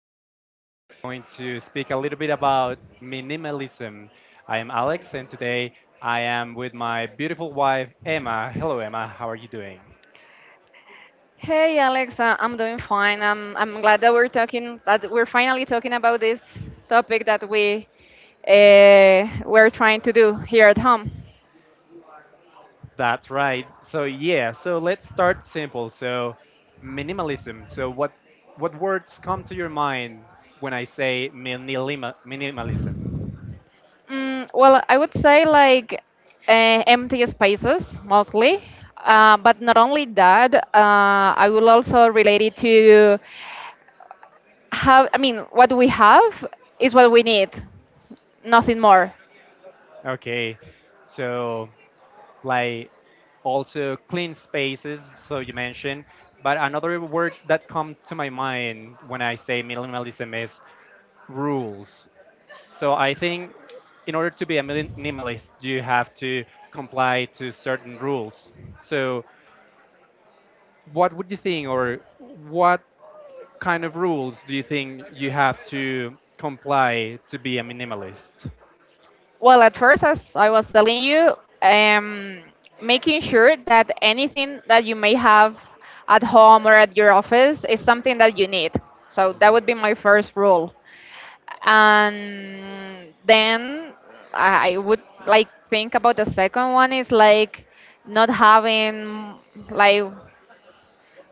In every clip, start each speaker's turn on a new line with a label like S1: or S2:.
S1: where we are going to speak a little bit about minimalism. I am Alex, and today I am with my beautiful wife, Emma. Hello, Emma, how are you doing?
S2: Hey Alex, I'm doing fine. I'm glad that we're finally talking about this topic that we're trying to do here at home.
S1: That's right. So, yeah, so let's start simple. So, minimalism. So, what words come to your mind when I say minimalism?
S2: Well, I would say like empty spaces mostly, but not only that. I will also relate it to have. I mean, what we have is what we need, nothing more.
S1: Okay. So, like, also clean spaces, so you mentioned. But another word that comes to my mind when I say minimalism is rules. So I think in order to be a minimalist, you have to comply to certain rules. So what would you think, or what kind of rules do you think you have to comply to be a minimalist?
S2: Well, at first, as I was telling you, um, making sure that anything that you may have at home or at your office is something that you need.
S1: Mhm.
S2: So that would be my first rule. And then I would like think about the second one is like not having like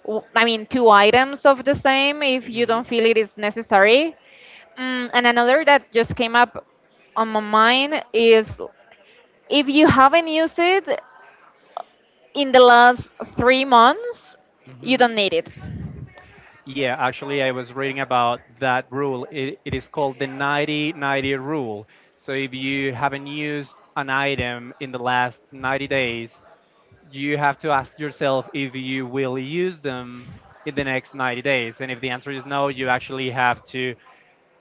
S2: I mean two items of the same if you
S1: Mhm.
S2: don't feel it is necessary. And another that just came up on my mind is if you haven't used it in the last 3 months, you
S1: Mhm.
S2: don't need it.
S1: Yeah, actually, I was reading about that rule. It is called the 90-90 rule. So if you haven't used an item in the last 90 days, you have to ask yourself if you will use them in the next 90 days. And if the answer is no, you actually have to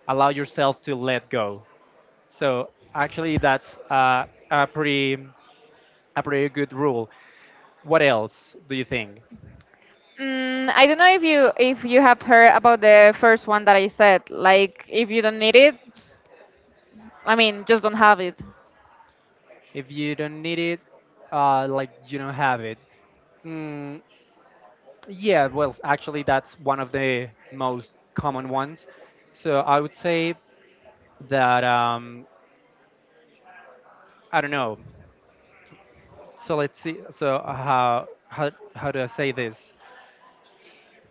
S1: allow yourself to let go. So actually, that's a pretty good rule. What else do you think?
S2: I don't know if you have heard about the first one that I said. Like, if you don't need it, I mean, just don't have it.
S1: If you don't need it, like you don't have it. Hmm. Yeah, well, actually, that's one of the most common ones. So I would say that I don't know. So let's see. So how do I say this?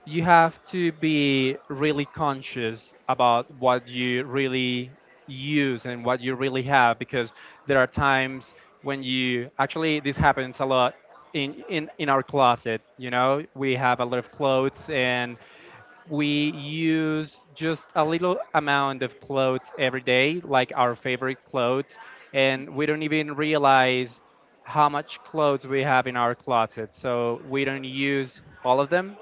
S1: You have to be really conscious about what you really use and what you really have, because there are times when you actually this happens a lot in our closet. You know, we have a lot of clothes and we use just a little amount of clothes every day, like our favorite clothes, and we don't even realize how much clothes we have in our closet. So we don't use all of them.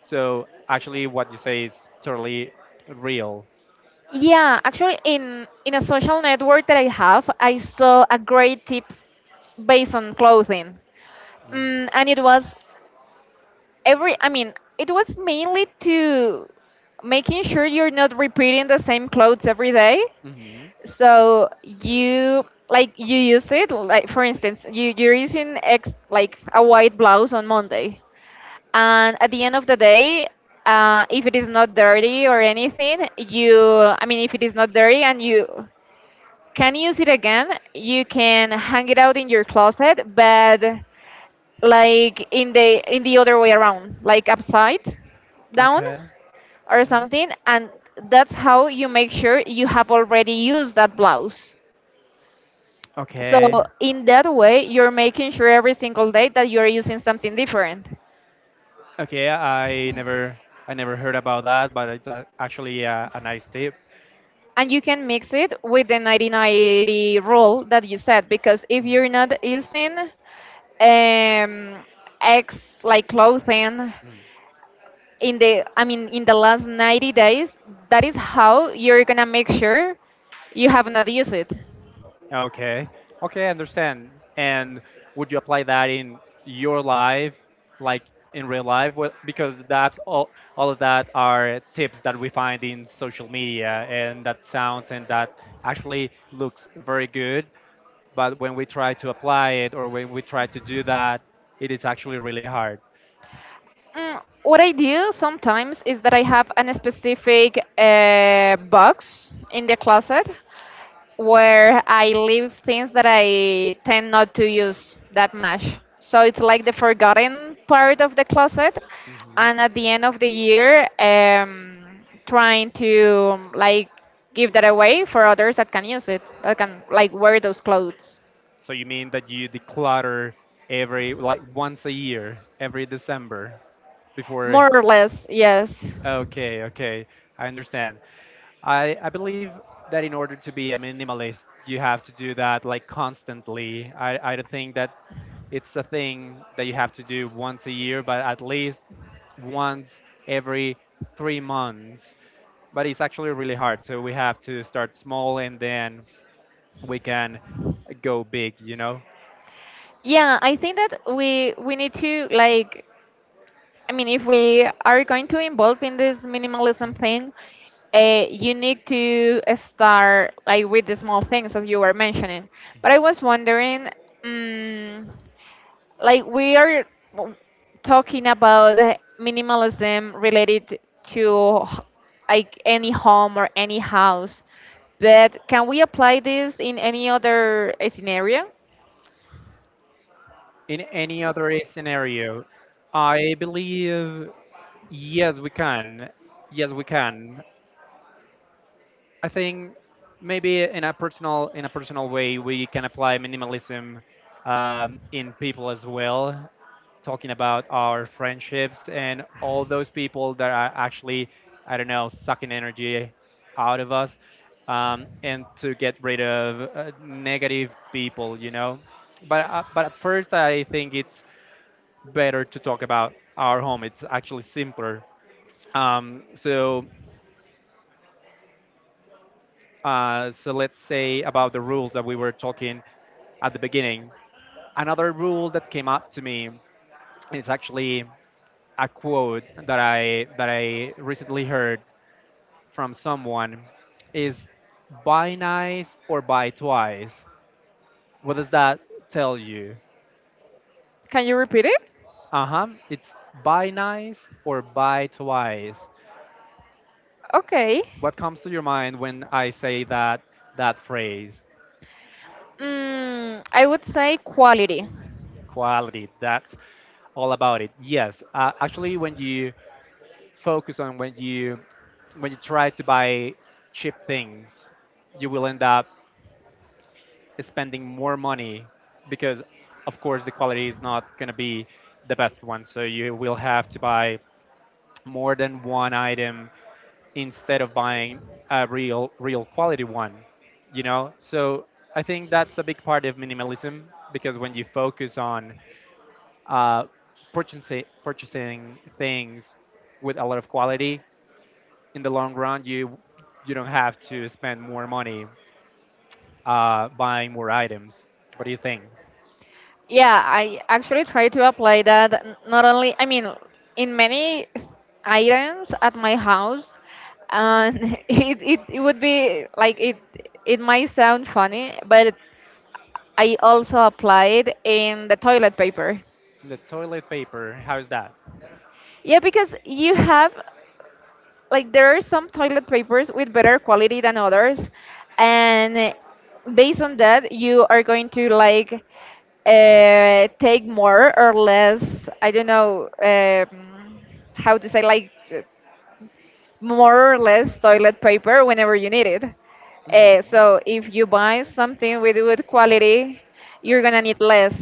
S1: So actually, what you say is totally real.
S2: Yeah, actually, in a social network that I have, I saw a great tip based on clothing, and it was every. I mean, it was mainly to making sure you're not repeating the same clothes every day.
S1: Mm-hmm.
S2: So you like you use it like for instance you're using ex like a white blouse on Monday, and at the end of the day, if it is not dirty or anything, you I mean, if it is not dirty and you can use it again, you can hang it out in your closet, but like in the other way around, like upside down
S1: Okay.
S2: or
S1: Hmm.
S2: something, and that's how you make sure you have already used that blouse. So
S1: Okay.
S2: in that way, you're making sure every single day that you're using something different.
S1: Okay, I never heard about that, but it's actually a nice tip.
S2: And you can mix it with the 90-90 rule that you said, because if you're not using um, X like clothing
S1: Mhm.
S2: I mean, in the last 90 days, that is how you're gonna make sure you have not used it.
S1: Okay. Okay, I understand. And would you apply that in your life, like in real life? Well, because that's all of that are tips that we find in social media, and that sounds and that actually looks very good. But when we try to apply it or when we try to do that, it is actually really hard.
S2: What I do sometimes is that I have a specific box in the closet where I leave things that I tend not to use that much. So it's like the forgotten part of the closet. And at the end of the year, trying to like give that away for others that can use it, that can like wear those clothes.
S1: So you mean that you declutter every like once a year, every December before.
S2: More or less, yes.
S1: Okay, okay. I understand. I believe that in order to be a minimalist, you have to do that like constantly. I don't think that it's a thing that you have to do once a year, but at least once every 3 months. But it's actually really hard. So we have to start small and then we can go big, you know?
S2: Yeah, I think that we need to like, I mean, if we are going to involve in this minimalism
S1: Mhm.
S2: thing, you need to start like with the small things as you were mentioning. But I was wondering, um, like we are w- talking about the minimalism related to like any home or any house, but can we apply this in any other scenario?
S1: In any other scenario, I believe yes, we can. Yes, we can. I think maybe in a personal way we can apply minimalism in people as well, talking about our friendships and all those people that are actually I don't know sucking energy out of us, and to get rid of negative people, you know. But at first I think it's better to talk about our home. It's actually simpler. So so let's say about the rules that we were talking at the beginning. Another rule that came up to me is actually a quote that I recently heard from someone is buy nice or buy twice. What does that tell you?
S2: Can you repeat it?
S1: Uh-huh. It's buy nice or buy twice.
S2: Okay.
S1: What comes to your mind when I say that phrase?
S2: I would say quality.
S1: Quality. That's all about it. Yes, actually, when you focus on when you try to buy cheap things you will end up spending more money because of course the quality is not going to be the best one so you will have to buy more than one item instead of buying a real quality one you know so I think that's a big part of minimalism because when you focus on uh, purchasing things with a lot of quality in the long run you don't have to spend more money buying more items. What do you think?
S2: Yeah, I actually try to apply that not only, I mean, in many items at my house, and it would be like it might sound funny, but I also apply it in the toilet paper.
S1: The toilet paper, how is that?
S2: Yeah, because you have, like, there are some toilet papers with better quality than others, and based on that you are going to like take more or less, I don't know, how to say, like, more or less toilet paper whenever you need it.
S1: Mhm.
S2: So if you buy something with good quality, you're gonna need less.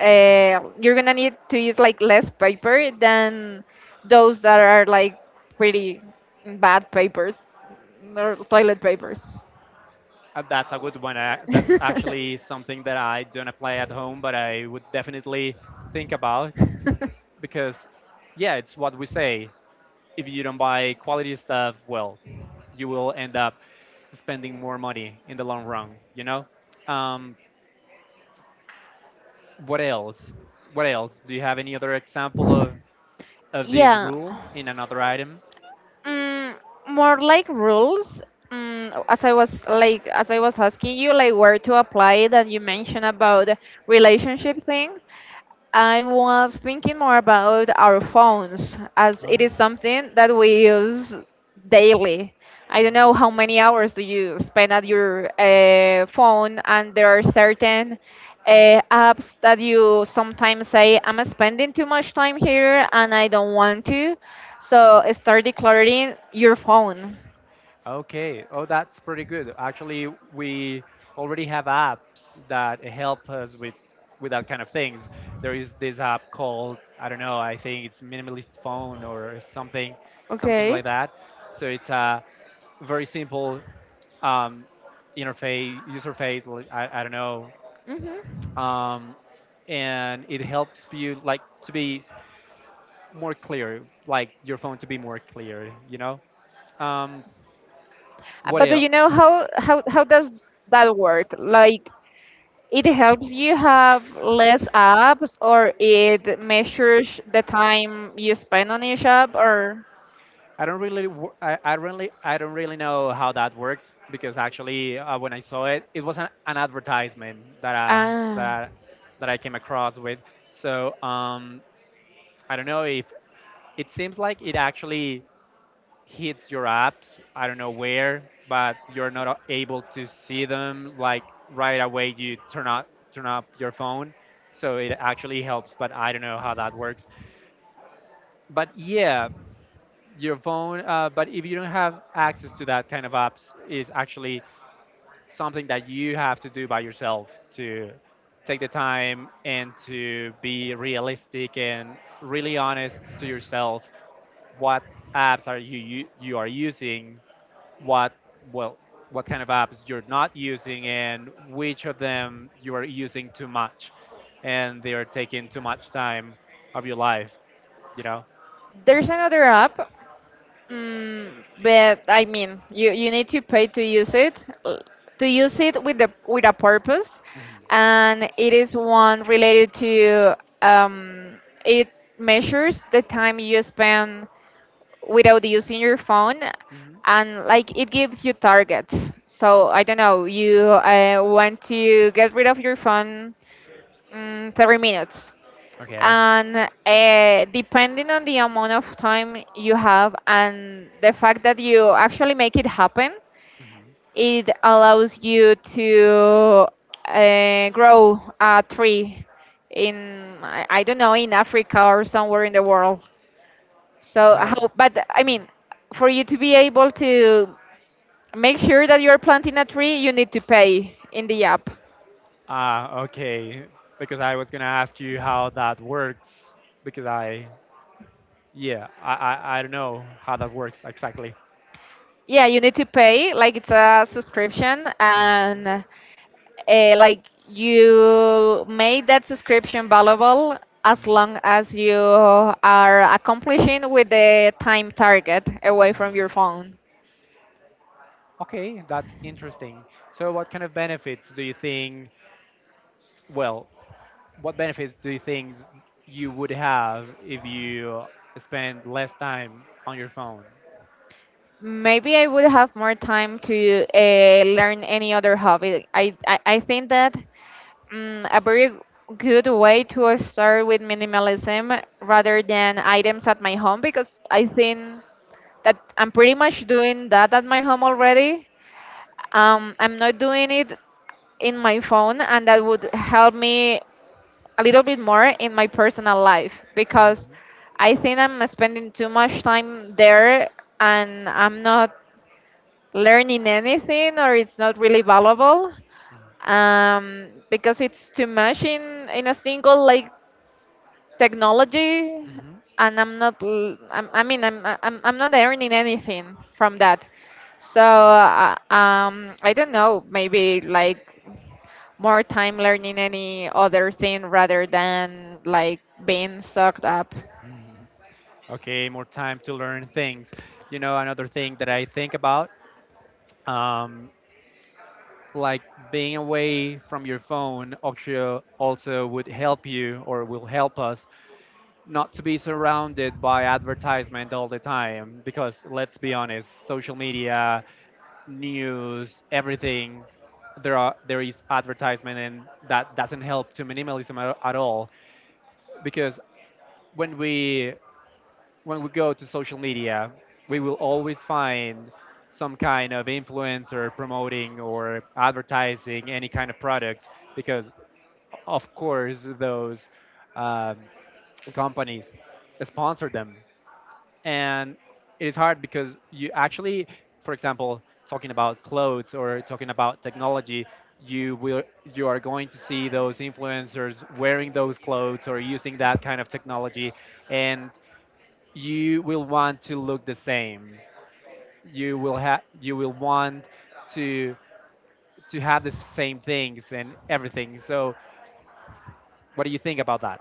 S2: You're gonna need to use like less paper than those that are like pretty bad papers or toilet papers.
S1: That's a good one. That's actually something that I don't apply at home, but I would definitely think about because, yeah, it's what we say. If you don't buy quality stuff, well, you will end up spending more money in the long run. You know. Um, what else? What else? Do you have any other example of this
S2: Yeah.
S1: rule in another item?
S2: Mm, More like rules. As I was asking you, like where to apply that, you mentioned about the relationship thing. I was thinking more about our phones, as it
S1: Oh.
S2: is something that we use daily. I don't know how many hours do you spend at your phone, and there are certain apps that you sometimes say, I'm spending too much time here and I don't want to. So start decluttering your phone.
S1: Okay. Oh, that's pretty good. Actually, we already have apps that help us with that kind of things. There is this app called I don't know. I think it's Minimalist Phone or something
S2: Okay.
S1: like that. So it's a very simple um, interface user face. Like, I don't know.
S2: hmm
S1: Um, and it helps you like to be more clear, like your phone to be more clear. You know. Um, what
S2: But do you
S1: else?
S2: know how does that work? Like, it helps you have less apps, or it measures the time you spend on each app, or
S1: I really, I don't really know how that works because actually, when I saw it, it was an advertisement
S2: ah,
S1: that that I came across with. So I don't know if it seems like it actually hits your apps. I don't know where, but you're not a- able to see them like right away. You turn up your phone, so it actually helps. But I don't know how that works. But yeah, your phone. But if you don't have access to that kind of apps, is actually something that you have to do by yourself to take the time and to be realistic and really honest to yourself. What apps are you you are using? What well what kind of apps you're not using and which of them you are using too much and they are taking too much time of your life you know.
S2: there's another app. But I mean, you need to pay uh, to use it with the with a purpose,
S1: Mhm.
S2: and it is one related to, um, it measures the time you spend without using your phone,
S1: Mhm.
S2: and like it gives you targets. So I don't know, you want to get rid of your phone 30 minutes,
S1: Okay.
S2: and depending on the amount of time you have and the fact that you actually make it happen,
S1: Hmm.
S2: it allows you to grow a tree in, I don't know, in Africa or somewhere in the world, so I
S1: How do,
S2: hope. But I mean, for you to be able to make sure that you're planting a tree, you need to pay in the app.
S1: ah, okay. Because I was gonna ask you how that works. Because yeah, I don't know how that works exactly.
S2: Yeah, you need to pay, like it's a subscription,
S1: Hmm.
S2: and like, you made that subscription valuable as
S1: Hmm.
S2: long as you are accomplishing with the time target away from
S1: Hmm.
S2: your phone.
S1: Okay, that's interesting. So, what kind of benefits do you think? Well, what benefits do you think you would have if you spend less time on your phone?
S2: Maybe I would have more time to learn any other hobby. I think a very good way to start with minimalism, rather than items at my home, because I think that I'm pretty much doing that at my home already. I'm not doing it in my phone, and that would help me a little bit more in my personal life, because
S1: Mhm,
S2: I think I'm spending too much time there and I'm not learning anything, or it's not really valuable, because it's too much in a single, like, technology,
S1: mhm,
S2: and I'm not I mean, I'm not earning anything from that. So, I don't know, maybe like more time learning any other thing rather than like being sucked up.
S1: mhm. Okay, more time to learn things. You know, another thing that I think about, um, like being away from your phone, also would help you or will help us not to be surrounded by advertisement all the time. Because let's be honest, social media news, everything, there is advertisement, and that doesn't help to minimalism at all. Because when we when we go to social media, we will always find some kind of influencer promoting or advertising any kind of product. Because of course those um, companies sponsor them and it is hard because you actually for example talking about clothes or talking about technology you are going to see those influencers wearing those clothes or using that kind of technology and you will want to look the same you will want to to have the same things and everything so what do you think about that.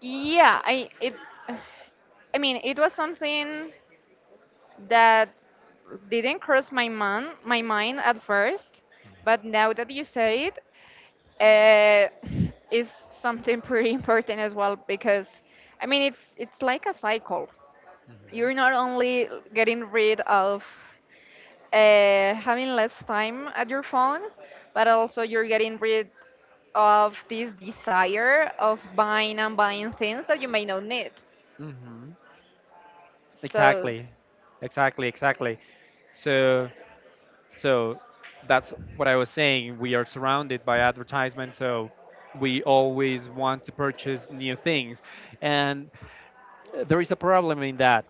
S2: Yeah, I mean, it was something that didn't cross my mind at first, but now that you say it, uh, is something pretty important as well, because I mean, it's like a cycle. You're not only getting rid of having less time at your phone, but also you're getting rid of this desire of buying and buying things that you may not need.
S1: Hmm.
S2: So,
S1: exactly exactly exactly. so So that's what I was saying. We are surrounded by advertisement, so we always want to purchase new things. And there is a problem in that.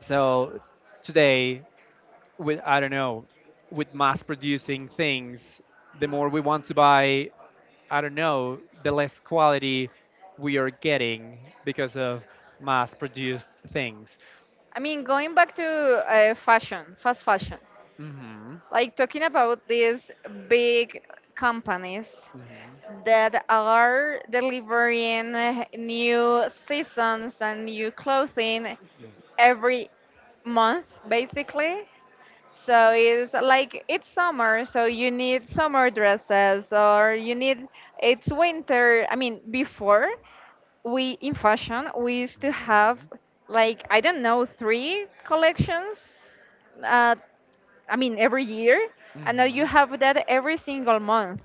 S1: So today, with I don't know, with mass producing things, the more we want to buy, I don't know, the less quality we are getting because of mass produced things.
S2: I mean, going back to fast fashion,
S1: Mhm.
S2: like, talking about these big companies
S1: Mhm.
S2: that are delivering new seasons and new clothing every month basically, so it's like, it's summer, so you need summer dresses, or you need, it's winter. I mean, before, we in fashion, we used to have,
S1: Mhm.
S2: like, I don't know, three collections, uh, I mean, every year, and now you
S1: Mhm.
S2: have that every single month.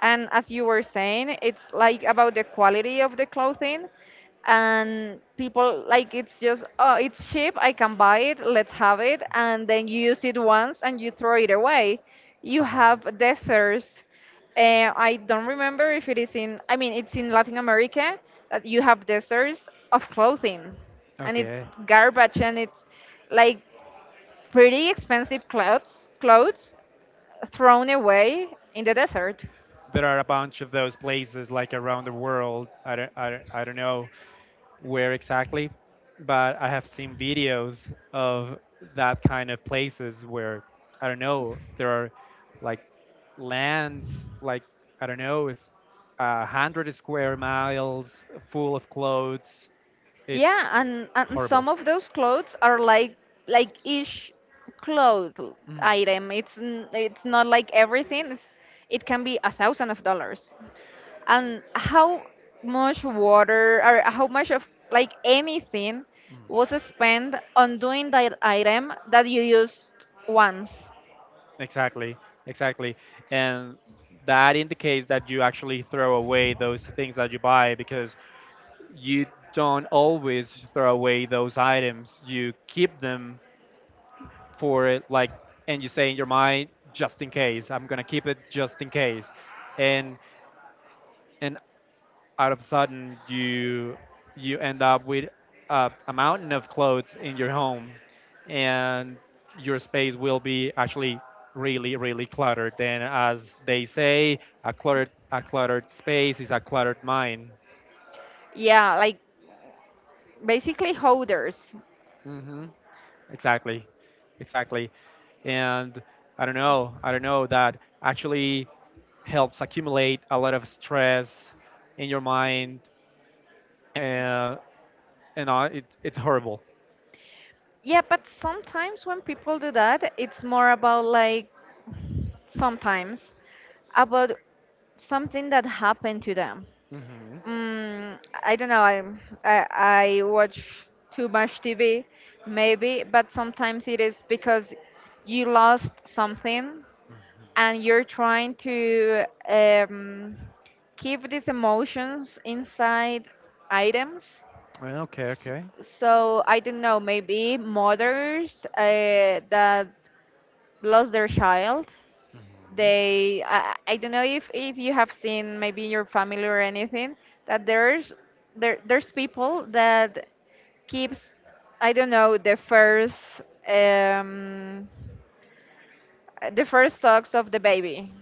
S2: And as you were saying, it's like about the quality of the clothing, and people, like, it's just, oh, it's cheap, I can buy it, let's have it, and then you use it once and you throw it away. You
S1: Uh-huh.
S2: have deserts. I don't remember if it is in. I mean, it's in Latin America that you have deserts of clothing, and it's
S1: Okay.
S2: garbage, and it's like pretty expensive clothes thrown away in the desert.
S1: There are a bunch of those places like around the world. I don't know where exactly, but I have seen videos of that kind of places where I don't know there are like lands like I don't know is 100 square miles full of clothes.
S2: Yeah,
S1: It's
S2: and
S1: horrible.
S2: some of those clothes are like, each cloth
S1: Mm,
S2: item, it's it's not like everything, it can be 1,000 of dollars, and how much water or how much of like anything
S1: mm.
S2: was spent on doing that item that you used once.
S1: Exactly, exactly. And that indicates that you actually throw away those things that you buy because you don't always throw away those items. You keep them for it, like, and you say in your mind, just in case, I'm gonna keep it just in case. And and out of a sudden you end up with a mountain of clothes in your home and your space will be actually really cluttered and as they say a cluttered space is a cluttered mind.
S2: Yeah, like basically hoarders.
S1: Hmm. Exactly, exactly and I don't know that actually helps accumulate a lot of stress in your mind uh, and it's horrible.
S2: Yeah, but sometimes when people do that, it's more about like, sometimes, about something that happened to them.
S1: Hmm.
S2: Mm, I don't know. I watch too much TV, maybe, but sometimes it is because you lost something and you're trying to, keep these emotions inside items.
S1: Well, okay,
S2: S-
S1: okay.
S2: So, I don't know, maybe mothers that lost their child.
S1: Hmm.
S2: I don't know, if you have seen maybe in your family or anything, that there's people that keeps, I don't know, um, the first socks of the baby,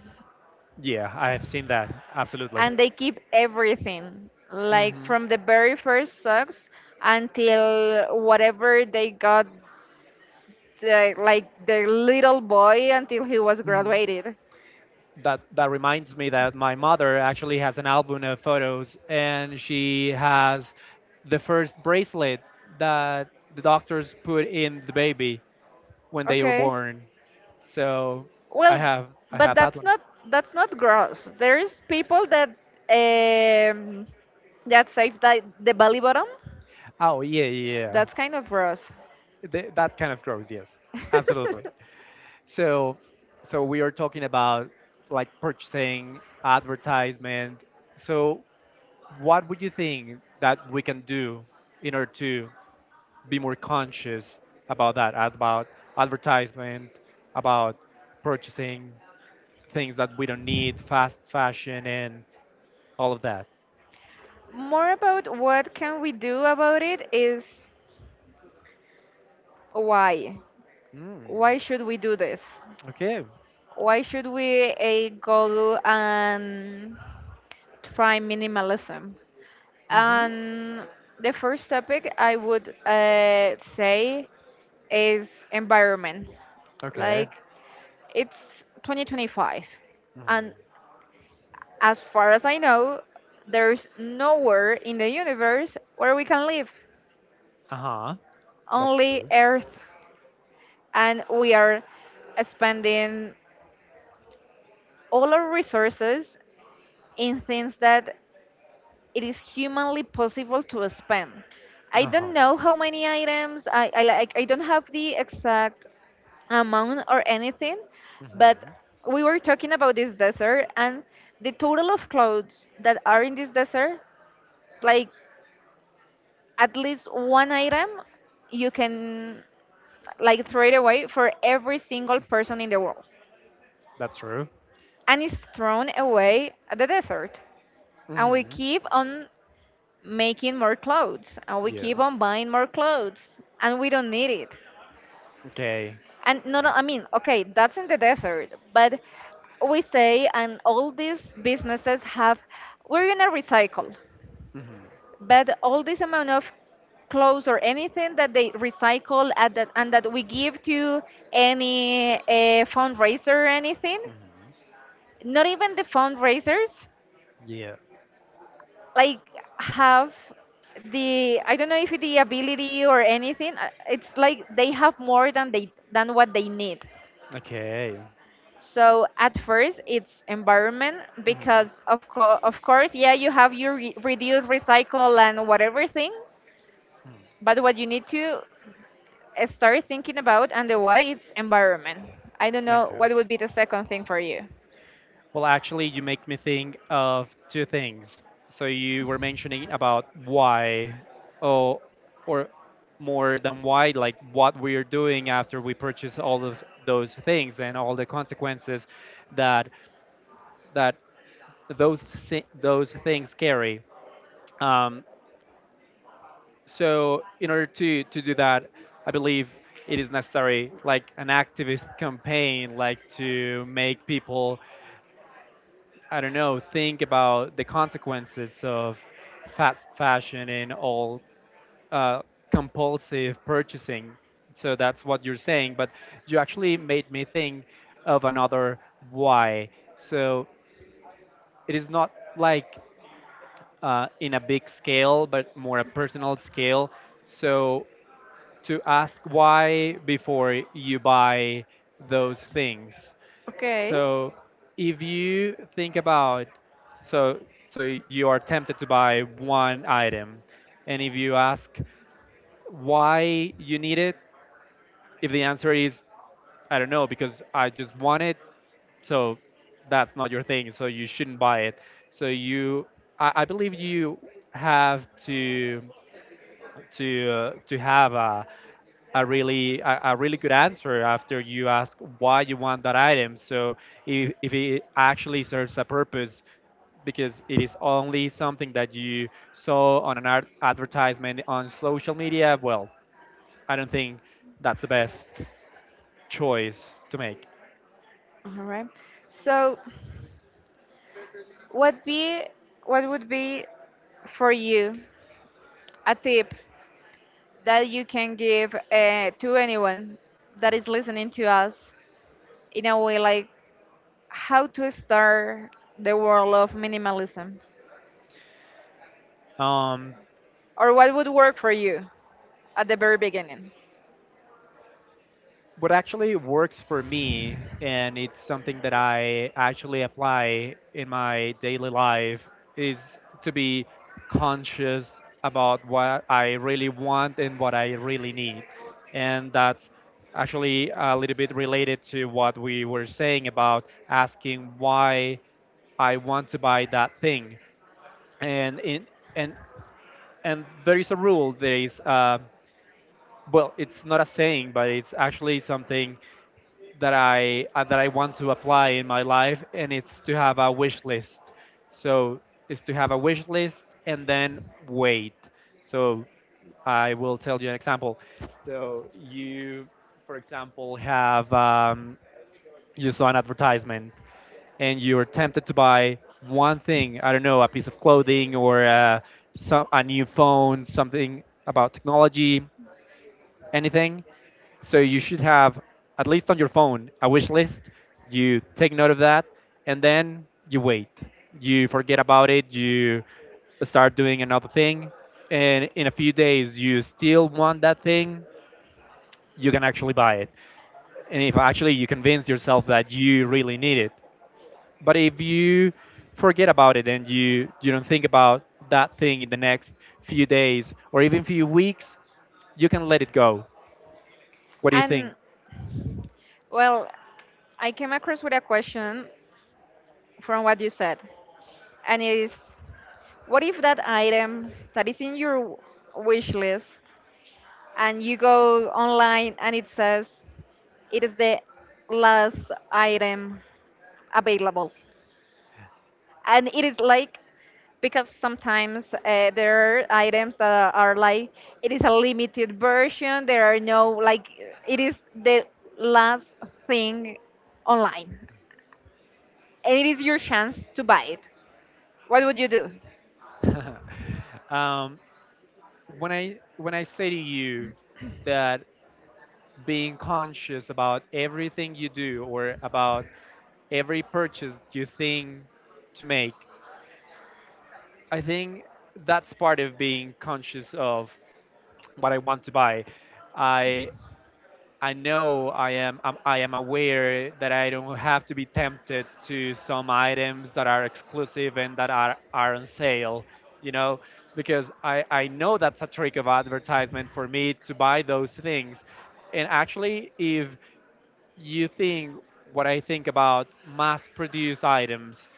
S1: Yeah, I have seen that. Absolutely.
S2: and they keep everything like
S1: Hmm.
S2: from the very first socks until whatever they got, like the little boy until he was
S1: Hmm.
S2: graduated.
S1: That reminds me that my mother actually has an album of photos, and she has the first bracelet that the doctors put in the baby when they were
S2: Okay.
S1: born. So I
S2: Well,
S1: have I
S2: but
S1: have that
S2: that's
S1: one.
S2: not gross. There's people that, um, save the belly bottom.
S1: Oh yeah, yeah.
S2: That's kind of gross.
S1: Yeah. That kind of grows. Yes, absolutely. So, we are talking about like purchasing, advertisement. So, what would you think that we can do in order to be more conscious about that, about advertisement, about purchasing things that we don't need, fast fashion, and all of that?
S2: More about what can we do about it is why?
S1: Mm.
S2: Why should we do this?
S1: Okay.
S2: Why should we go and try minimalism?
S1: Hmm.
S2: And the first topic I would say is environment.
S1: Okay.
S2: Like it's 2025,
S1: Mm.
S2: and as far as I know, there's nowhere in the universe where we can live,
S1: Uh huh. That's
S2: only
S1: true.
S2: Earth, and we are spending all our resources in things that it is humanly possible to spend. I
S1: Uh huh.
S2: don't know how many items I like I don't have the exact amount or anything, but
S1: Hmm.
S2: we were talking about this desert and the total of clothes that are in this desert, like at least one item you can like throw it away for every single person in the world.
S1: That's true.
S2: And it's thrown away at the desert. And we
S1: Hmm.
S2: keep on making more clothes and we
S1: Yeah.
S2: keep on buying more clothes and we don't need it
S1: Okay.
S2: and no, I mean okay, that's in the desert, but we say and all these businesses have we're gonna recycle,
S1: Hmm.
S2: but all this amount of clothes or anything that they recycle at that and that we give to any fundraiser or anything,
S1: Hmm.
S2: not even the fundraisers,
S1: Yeah.
S2: like have the I don't know if the ability or anything. It's like they have more than they than what they need.
S1: Okay.
S2: So at first it's environment
S1: Hmm.
S2: because of of course, yeah, you have your reduce, recycle and whatever thing,
S1: Hmm.
S2: but what you need to start thinking about and the why it's environment. I don't know
S1: Okay.
S2: what would be the second thing for you.
S1: Well, actually, you make me think of two things. So you were mentioning about why, oh, or more than why, like what we are doing after we purchase all of those things and all the consequences that that those things carry. Um, So in order to do that, I believe it is necessary like an activist campaign, like to make people I don't know think about the consequences of fast fashion and all uh, compulsive purchasing. So that's what you're saying, but you actually made me think of another why. So it is not like in a big scale, but more a personal scale. So to ask why before you buy those things.
S2: Okay.
S1: So if you think about so so you are tempted to buy one item and if you ask why you need it, if the answer is I don't know because I just want it, so that's not your thing, so you shouldn't buy it. So you I believe you have to have a really a really good answer after you ask why you want that item. So if it actually serves a purpose, because it is only something that you saw on an advertisement on social media, well, I don't think that's the best choice to make.
S2: All right. So What be what would be for you a tip that you can give to anyone that is listening to us in a way like how to start the world of minimalism
S1: Um,
S2: or what would work for you at the very beginning?
S1: what actually works for me and it's something that I actually apply in my daily life is to be conscious about what I really want and what I really need, and that's actually a little bit related to what we were saying about asking why I want to buy that thing. and in and and there is a rule. There is well, it's not a saying, but it's actually something that I want to apply in my life, and it's to have a wish list. So it's to have a wish list and then wait. So I will tell you an example. So you, for example, have you saw an advertisement and you were tempted to buy one thing. I don't know, a piece of clothing or a new phone, something about technology, anything. So you should have, at least on your phone, a wish list. You take note of that and then you wait. You forget about it. You start doing another thing. And in a few days, you still want that thing. You can actually buy it. And if actually you convince yourself that you really need it. But if you forget about it and you don't think about that thing in the next few days or even few weeks, you can let it go. What do you think?
S2: And well, I came across with a question from what you said, and it is what if that item that is in your wish list and you go online and it says it is the last item available. And it is like because sometimes there are items that are like it is a limited version, there are no like it is the last thing online and it is your chance to buy it, what would you do?
S1: um, when I say to you that being conscious about everything you do or about every purchase you think to make, I think that's part of being conscious of what I want to buy. I I know I am aware that I don't have to be tempted to some items that are exclusive and that are on sale, you know, because I know that's a trick of advertisement for me to buy those things. And actually if you think what I think about mass produced items,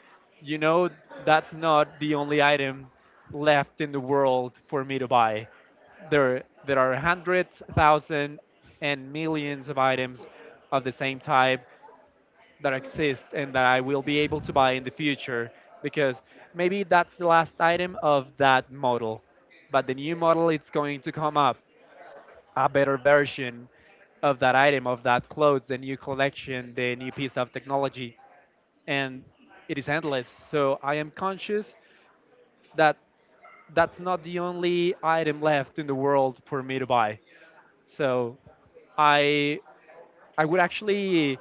S1: you know, that's not the only item left in the world for me to buy. There are hundreds, thousand, and millions of items of the same type that exist and that I will be able to buy in the future, because maybe that's the last item of that model, but the new model is going to come up, a better version of that item, of that clothes, the new collection, the new piece of technology, and it is endless. So I am conscious that that's not the only item left in the world for me to buy. So I I would actually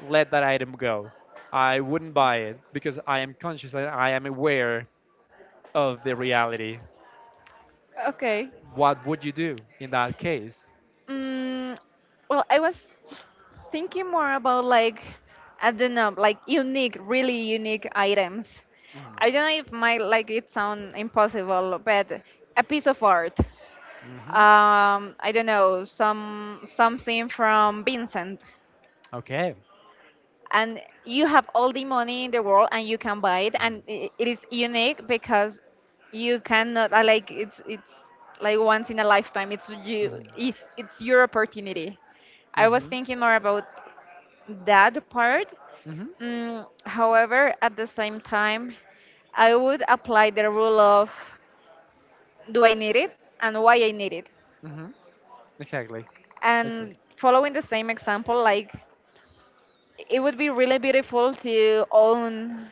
S1: let that item go. I wouldn't buy it because I am conscious and I am aware of the reality.
S2: Okay.
S1: What would you do in that case?
S2: Mm, well, I was thinking more about like I don't know, like unique, really unique items. I
S1: Mm-hmm.
S2: don't know if my like it sound impossible, but a piece of art. I don't know, some something from Vincent,
S1: Okay.
S2: and you have all the money in the world and you can buy it, and I it is unique because you cannot like it's like once in a lifetime. It's you
S1: Mm-hmm.
S2: it's it's your opportunity. I was thinking more about that part.
S1: Mm-hmm.
S2: Mm, however, at the same time, I would apply the rule of do I need it and why I need it.
S1: Mm-hmm. Exactly. Exactly.
S2: And following the same example, like it would be really beautiful to own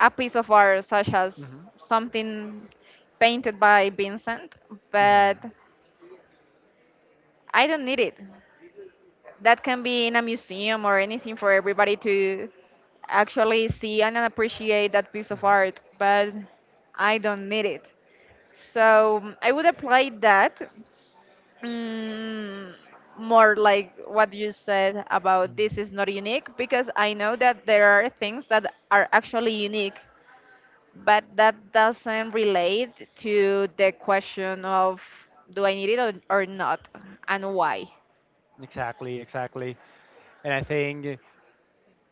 S2: a piece of art such as
S1: Mm-hmm.
S2: something painted by Vincent,
S1: Mm-hmm.
S2: but I don't need it. That can be in a museum or anything for everybody to actually see and appreciate that piece of art, but I don't need it. So mm, I would apply that mm, more like what you said about this
S1: Mm-hmm.
S2: is not unique because I know that there are things that are actually unique, but that doesn't relate to the question of do I need it, or not, and why.
S1: Exactly. Exactly. And I think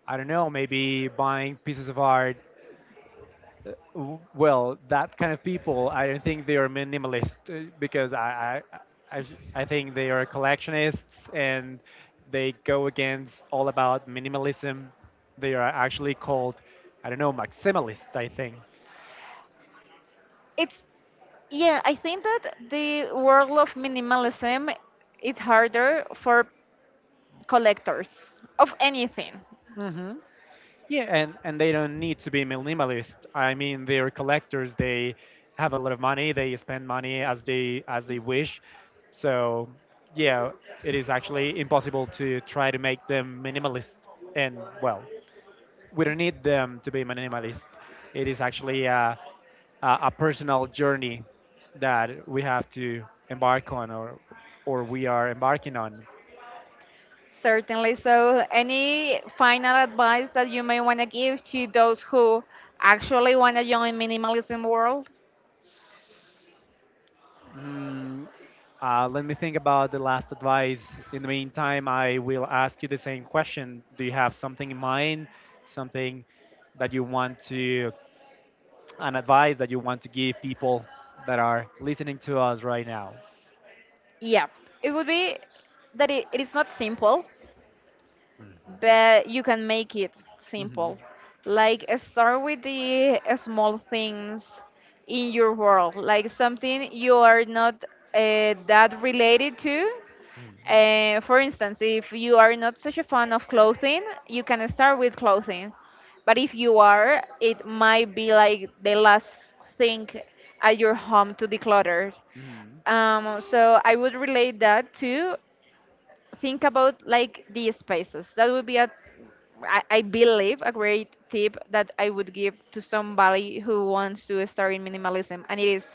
S1: I don't know, maybe buying pieces of art. Well, that kind of people, I don't think they are minimalist because I think they are collectionists and they go against all about minimalism. They are actually called I don't know maximalists. I think.
S2: It's yeah, I think that the world of minimalism is harder for collectors of anything.
S1: Mm-hmm. Yeah, and they don't need to be minimalist. I mean, they're collectors. They have a lot of money. They spend money as they wish. So yeah, it is actually impossible to try to make them minimalist. And well, we don't need them to be minimalist. It is actually a personal journey that we have to embark on, or we are embarking on.
S2: Certainly. So, any final advice that you may want to give to those who actually want to join minimalism world?
S1: Mm, Let me think about the last advice. In the meantime, I will ask you the same question. Do you have something in mind? Something that you want to, an advice that you want to give people that are listening to us right now?
S2: Yeah, it would be that it is not simple,
S1: Mhm.
S2: but you can make it
S1: Mhm.
S2: simple. Like start with the small things in your world, like something you are not that related to,
S1: Mhm.
S2: uh, for instance, if you are not such a fan of clothing, you can start with clothing. But if you are, it might be like the last thing at your home to declutter.
S1: Mhm.
S2: So I would relate that to think about like the spaces. That would be a, I believe, a great tip that I would give to somebody who wants to start in minimalism. And it is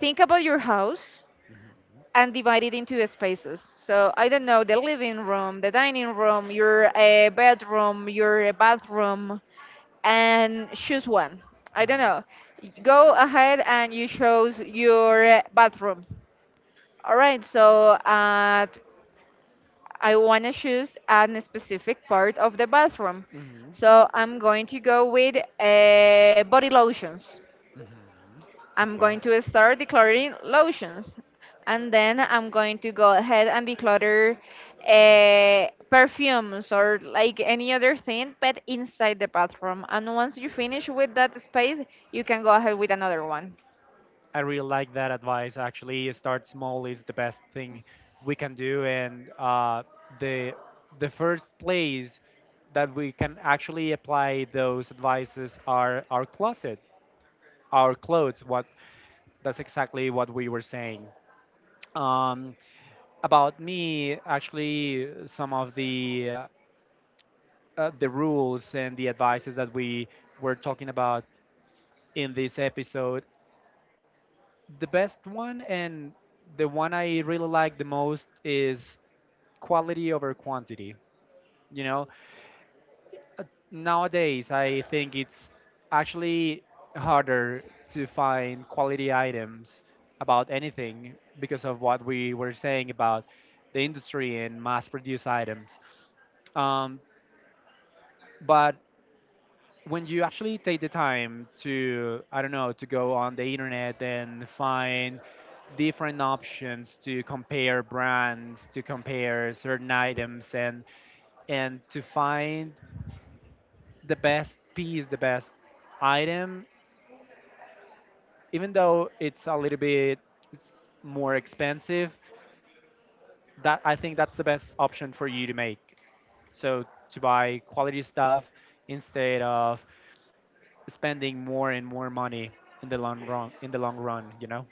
S2: think about your house and divided into spaces. So I don't know, the living room, the dining room, your bedroom, your bathroom, and choose one. I don't
S1: Mhm.
S2: know. Go ahead and you choose your bathroom. All right. So I want to choose a specific part of the bathroom.
S1: Mhm. Mhm.
S2: So I'm going to go with body lotions.
S1: Mhm.
S2: I'm
S1: Okay.
S2: going to start decluttering lotions, and then I'm going to go ahead and declutter perfumes or like any other thing, but inside the bathroom. And once you finish with that space, you can go ahead with another one.
S1: I really like that advice. Actually, start small is the best thing we can do, and the the first place that we can actually apply those advices are our closet, our clothes. What That's exactly what we were saying. Um, about me, actually, some of the rules and the advices that we were talking about in this episode, the best one and the one I really like the most is quality over quantity. You know, Uh, nowadays I think it's actually harder to find quality items about anything because of what we were saying about the industry and mass produced items. Um, but when you actually take the time to I don't know to go on the internet and find different options, to compare brands, to compare certain items, and to find the best piece, the best item, even though it's a little bit it's more expensive, that I think that's the best option for you to make. So to buy quality stuff instead of spending more and more money in the long run, in the long run, you know.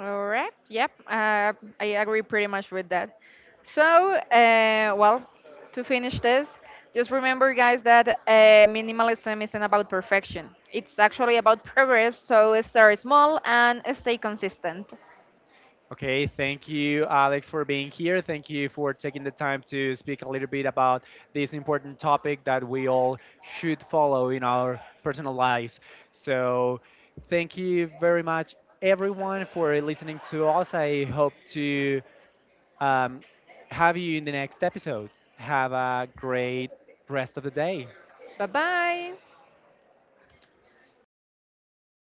S2: All right. Yep. I agree pretty much with that. So, well, to finish this, just remember, guys, that minimalism isn't about perfection. It's actually about progress. So start small and stay consistent.
S1: Okay, thank you, Alex, for being here. Thank you for taking the time to speak a little bit about this important topic that we all should follow in our personal lives. So thank you very much, everyone, for listening to us. I hope to um, have you in the next episode. Have a great rest of the day.
S2: Bye bye.